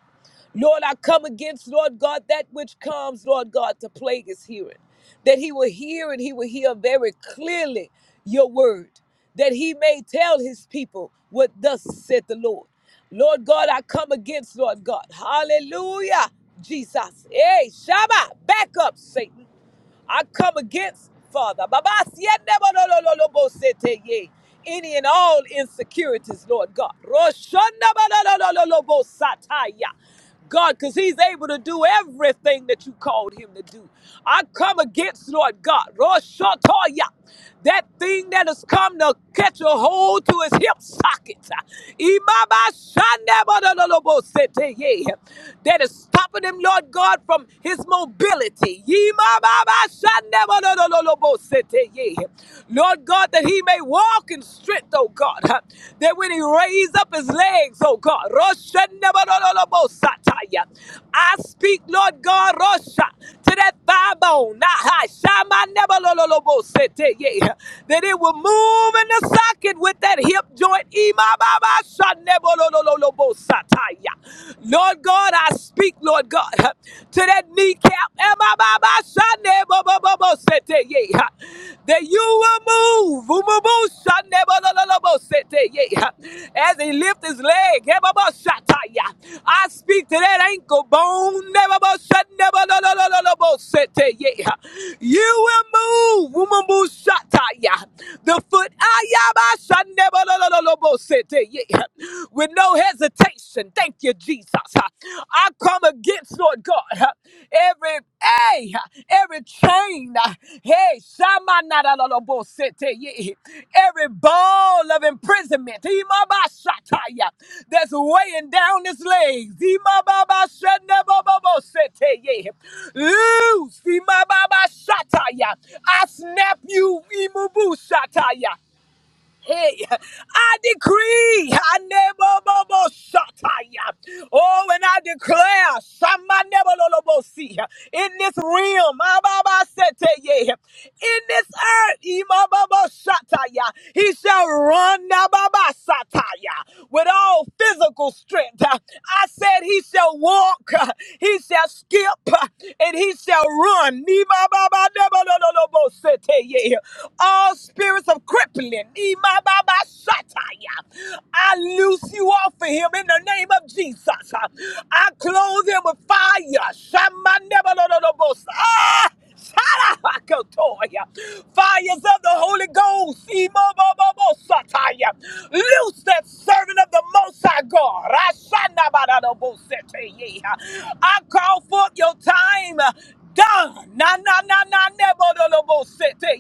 [SPEAKER 1] Lord, I come against, Lord God, that which comes, Lord God, to plague his hearing. That he will hear and he will hear very clearly your word. That he may tell his people what thus said the Lord. Lord God, I come against, Lord God. Hallelujah. Jesus. Hey, Shabbat. Back up, Satan. I come against, Father, Babasiendabalololobosete any and all insecurities, Lord God. God, because He's able to do everything that you called Him to do. I come against, Lord God, Roshatoya, that thing that has come to catch a hold to His hip socket. Imabashandabalololobosete ye, That is stopping Him, Lord God. God, from his mobility. Yee, ma, ma, ma, shanda, ma, no, no, no, no, bo, sete, yea. Lord God, that he may walk in strength, oh God. huh, That when he raise up his legs, oh God. roshanda, ma, no, no, no, bo, sataya. I speak, Lord God, Rosha, to that thigh bone. nah, hi, shama, neba, lo, lo, lo, bo, sete, yea. That it will move in the socket with that hip joint. Ee, ma, ma, ma, shanda, bo, lo, lo, lo, lo, bo, Lord God, I speak, Lord God, to that kneecap. Eh, ba, ba, ye, That you will move. Boo, boo, boo, ye, As he lifts his leg. eh, I speak to that ankle bone. eh, ba, ba, ye, You will move. The foot. ah, ya, yeah. yeah. With no hesitation. Thank you, Jesus. I come against, Lord God, every hey, every chain, hey, shamanadalolobosete, yeah, every ball of imprisonment, imabashataya, that's weighing down his legs. imababashenebobobosete, yeah. Loose, imababashataya. I snap you, imubushataya. Hey, I decree, I Hanebobobosataya. oh, and I declare, Shamanebolobosi, in this realm, ah, ba ba sete Ababasateye, in this earth, Imabobosataya, he shall run na, ba ba sataya, with all physical strength. I said, He shall walk, he shall skip, and he shall run. All spirits of crippling, Imababashataya. I loose you off of him in the name of Jesus. I clothe him with fire. Shamanebolobosa. Ah! Sharabakotoya. Fires of the Holy Ghost. Imobobobosataya. Loose that servant of the Most High God. Rashanabadadobosete. I call forth your time. uh, Done. Na na na na nebo do lo bo se te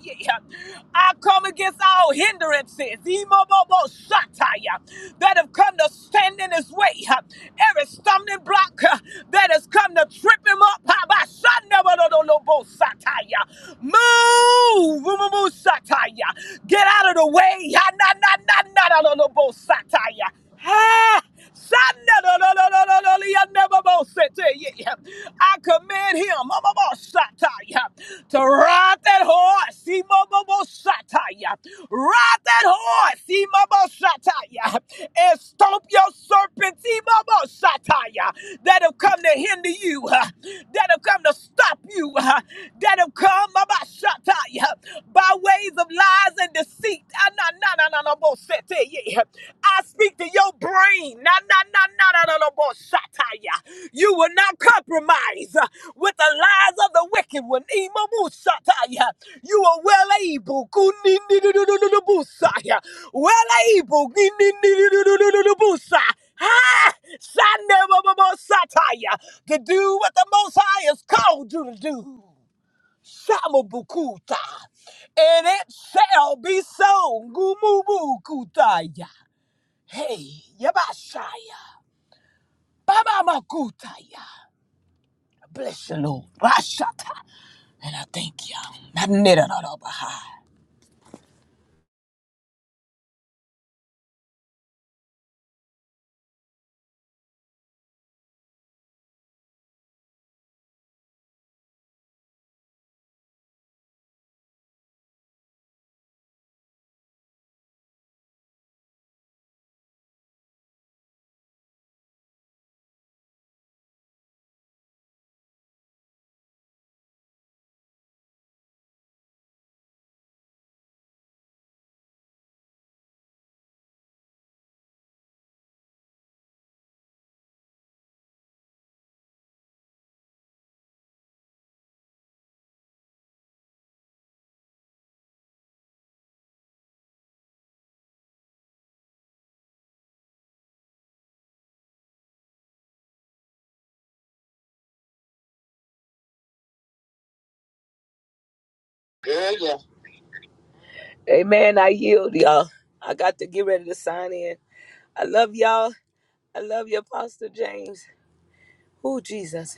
[SPEAKER 1] I come against all hindrances. Emo bo bo shata ya, That have come to stand in his way. uh, Every stumbling block uh, that has come to trip him up. ha, ba, sha, nebo do do lo bo shata ya. Move. Move, move, move, shata ya. Get out of the way. ha, Na na na na do lo lo bo shata ya. Ah, Sanda never more yeah. I command him yeah, to ride that horse. See, mo, mo, mo, yeah. Ride that horse. See, mo, mo, yeah. And stomp your serpents. See, mo, mo, yeah. That have come to hinder you. huh, That have come to stop you. huh, That have come mo, mo, yeah, by ways of lies and deceit. Ah, nah, nah, nah, nah, nah, bo- set, eh, yeah. I speak to your brain. Nah, nah, nah, nah, nah, nah, nah, bo- shot, ah, yeah. You will not compromise uh, with the lies of the wicked one. Ema, bo- shot, ah, yeah. You are well able. Ku- ni- ni- du- du- du- du- du- bo- shot, yeah. Well able. Ni- ni- ni- du- du- du- du- du- du- bo- shot. Ah, shot, ah, yeah. To do what the Most High has called you to do. Shamabukuta. And it shall be so. Gumubukutaya. Hey, Yabashaya. Baba Makutaya. Bless you, Lord. Rashata. And I thank you. all I Amen. I yield, y'all. I got to get ready to sign in. I love y'all. I love you, Apostle James. Oh, Jesus.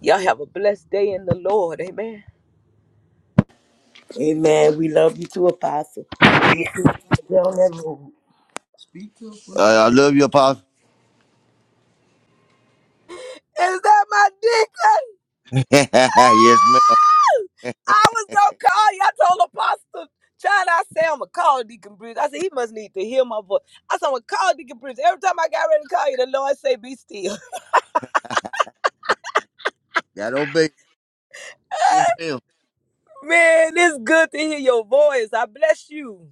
[SPEAKER 1] Y'all have a blessed day in the Lord. Amen.
[SPEAKER 3] Amen. We love you too, Apostle. Be sure on that move.
[SPEAKER 2] Uh, I love you, Apostle.
[SPEAKER 1] Is that my dick?
[SPEAKER 2] yes, ma'am.
[SPEAKER 1] I was gonna call you. I told Apostle China, I said I'm gonna call Deacon Bridge. I said he must need to hear my voice. I said I'm gonna call Deacon Bridge. Every time I got ready to call you, the Lord say, "Be still."
[SPEAKER 2] Got obey. Yes, ma'am.
[SPEAKER 1] Man, it's good to hear your voice. I bless you.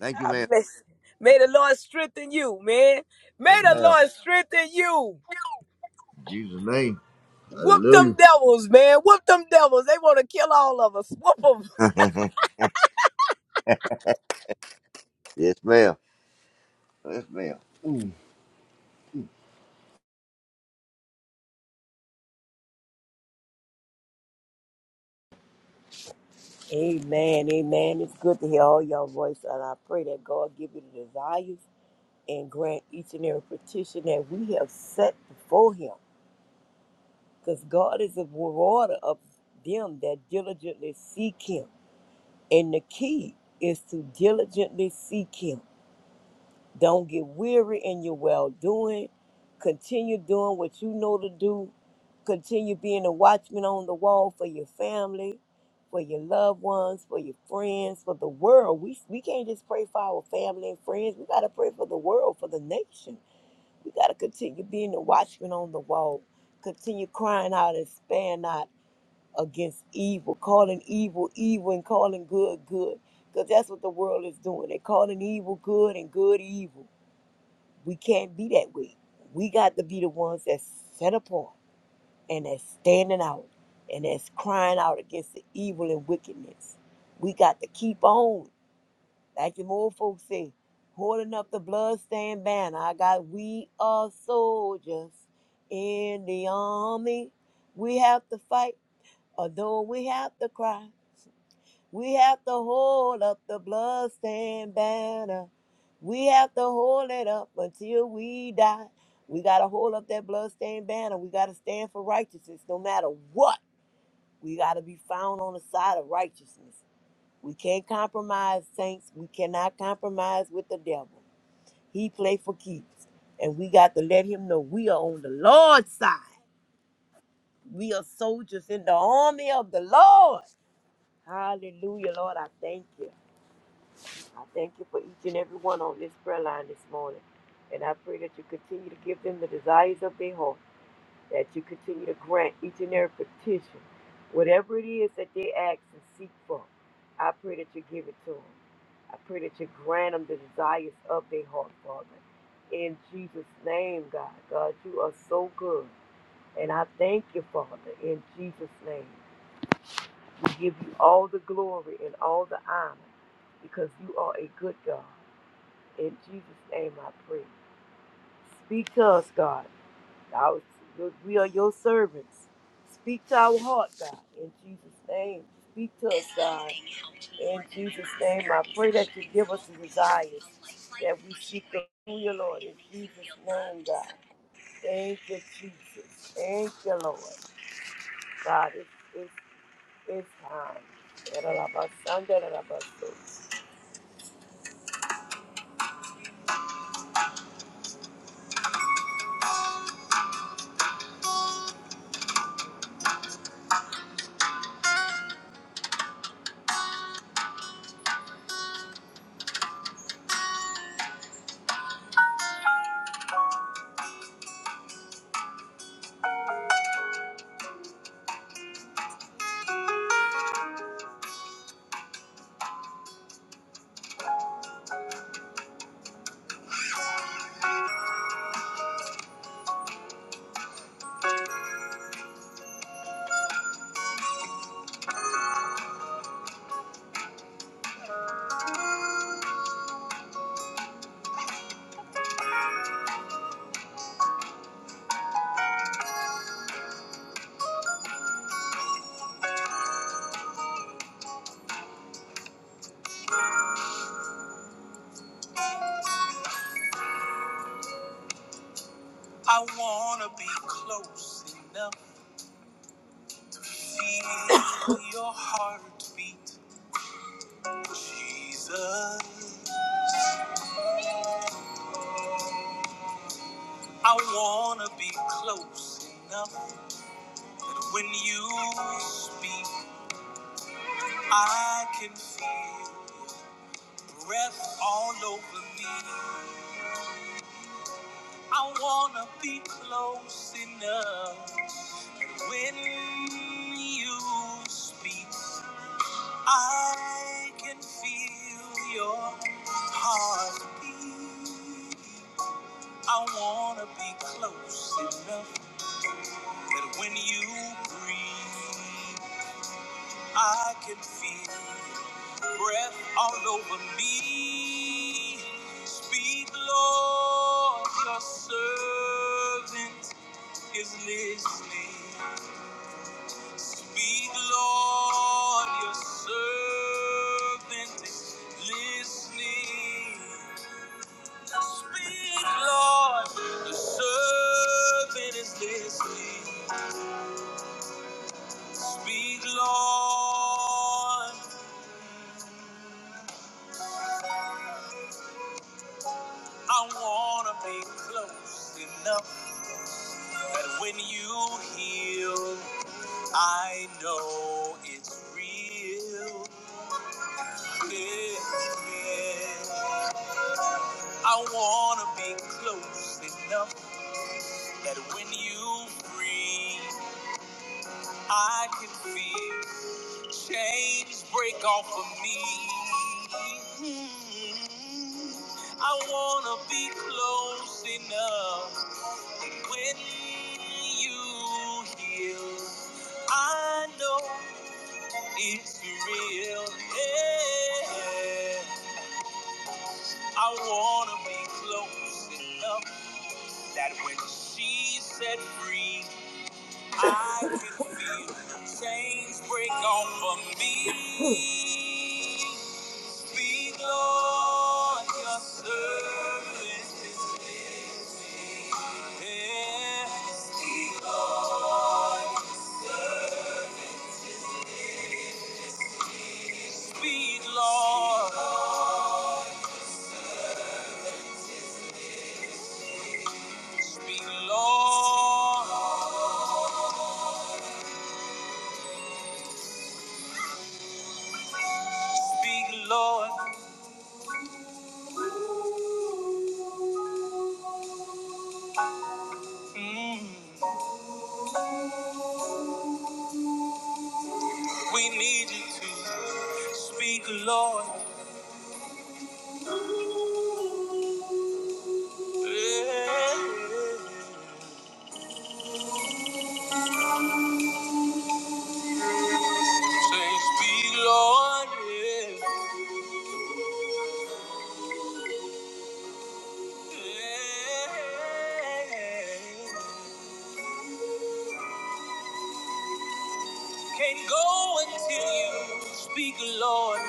[SPEAKER 2] Thank you,
[SPEAKER 1] I
[SPEAKER 2] ma'am.
[SPEAKER 1] bless you. May the Lord strengthen you, man. May
[SPEAKER 2] Yes,
[SPEAKER 1] the
[SPEAKER 2] ma'am.
[SPEAKER 1] Lord strengthen you.
[SPEAKER 2] In Jesus' name.
[SPEAKER 1] Whoop them
[SPEAKER 2] Hallelujah.
[SPEAKER 1] devils, man. Whoop them devils. They want to kill all of us. Whoop them.
[SPEAKER 2] yes, ma'am. Yes, ma'am.
[SPEAKER 3] Amen. Amen. It's good to hear all y'all voice, and I pray that God give you the desires and grant each and every petition that we have set before Him, because God is a rewarder of them that diligently seek Him, and the key is to diligently seek Him. Don't get weary in your well doing. Continue doing what you know to do. Continue being a watchman on the wall for your family, for your loved ones, for your friends, for the world. We, we can't just pray for our family and friends. We got to pray for the world, for the nation. We got to continue being a watchman on the wall. Continue crying out and spare not against evil, calling evil evil and calling good good. Because that's what the world is doing. They're calling evil good and good evil we can't be that way. We got to be the ones that's set apart and that's standing out and that's crying out against the evil and wickedness. We got to keep on, like the old folks say, holding up the bloodstained banner. I got, we are soldiers in the army. We have to fight, although we have to cry. We have to hold up the bloodstained banner. We have to hold it up until we die. We got to hold up that bloodstained banner. We got to stand for righteousness no matter what. We got to be found on the side of righteousness. We can't compromise, saints. We cannot compromise with the devil. He play for keeps. And we got to let him know we are on the Lord's side. We are soldiers in the army of the Lord. Hallelujah, Lord. I thank you. I thank you for each and every one on this prayer line this morning. And I pray that you continue to give them the desires of their heart, that you continue to grant each and every petition, whatever it is that they ask and seek for. I pray that you give it to them. I pray that you grant them the desires of their heart, Father. In Jesus' name, God. God, you are so good. And I thank you, Father, in Jesus' name. We give you all the glory and all the honor because you are a good God. In Jesus' name I pray. Speak to us, God. Our- we are your servants. Speak to our heart, God. In Jesus' name. Speak to us, God. In Jesus' name I pray that you give us the desires that we seek to do your Lord. In Jesus' name, God. Thank you, Jesus. Thank you, Lord. God, it's, it's, it's time. I want to be close enough. Feel your heartbeat, Jesus. I wanna be close enough that when you speak, I can feel your breath all over me. I wanna be close enough when you speak, I can feel your heartbeat. I wanna be close enough that when you breathe, I can feel your breath all over me. Speak, Lord, your servant is listening. Speak, Lord, your servant is listening. Speak, Lord, the servant is listening. Speak, Lord. I wanna be close enough that when you heal, I know it's real. Yeah, yeah. I wanna be close enough that when you breathe, I can feel. Chains break off of me. I wanna be close enough when you heal. I know it's real. Yeah. I wanna be close enough that when she's set free, I can feel chains break off of me. Be Lord, your servant is here. Speak, Lord. Speak, Lord. Speak, Lord. Mm. We need you to speak, Lord. Yeah. Say, speak, Lord. Yeah. Yeah. Can't go until you speak, Lord.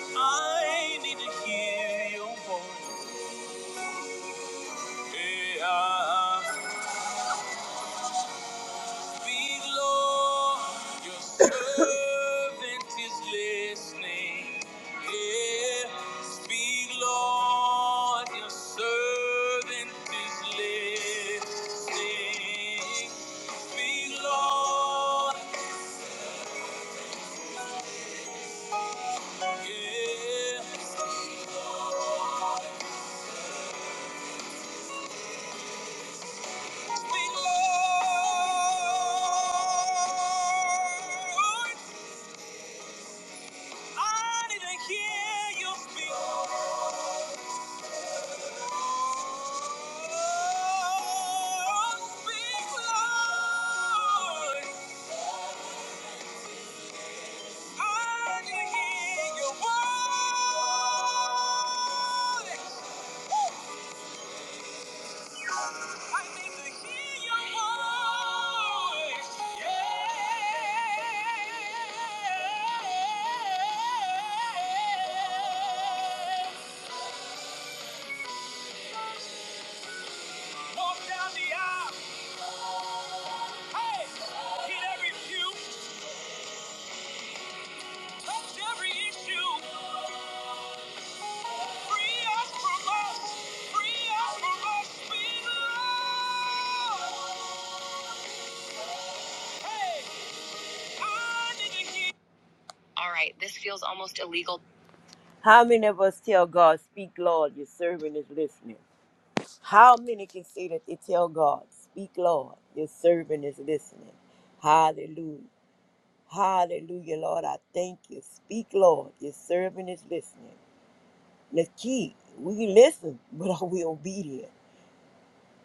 [SPEAKER 3] I need to hear your voice. Hey, I speak, Lord. Your servant is listening. Yeah, speak, Lord. Your servant is listening. Speak, Lord. Yeah. speak, Lord. Thank you. I need to hear your voice. Yeah. Walk down the aisle. Hey, hit every pew, touch every issue. Free us from us. Free us from us. We love. Hey, I need to hear. All right, this feels almost illegal. How many of us tell God, Speak, Lord, your servant is listening? How many can say that they tell God, Speak, Lord, your servant is listening? Hallelujah. Hallelujah, Lord. I thank you. Speak, Lord, your servant is listening. The key, we listen, but are we obedient?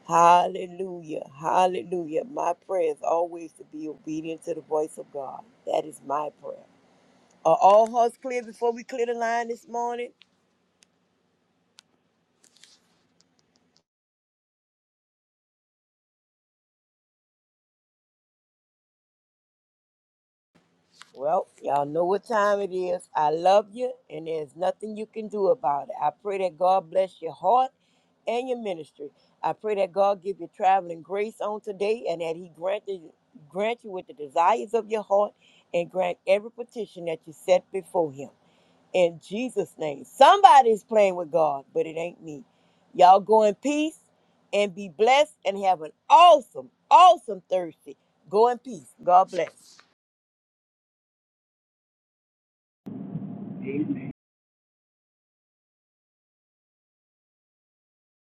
[SPEAKER 3] Hallelujah. Hallelujah. My prayer is always to be obedient to the voice of God. That is my prayer. Are all hearts clear before we clear the line this morning? Well, y'all know what time it is. I love you, and there's nothing you can do about it. I pray that God bless your heart and your ministry. I pray that God give you traveling grace on today, and that He grant you, grant you with the desires of your heart, and grant every petition that you set before Him. In Jesus' name, somebody's playing with God, but it ain't me. Y'all go in peace and be blessed, and have an awesome, awesome Thursday. Go in peace. God bless.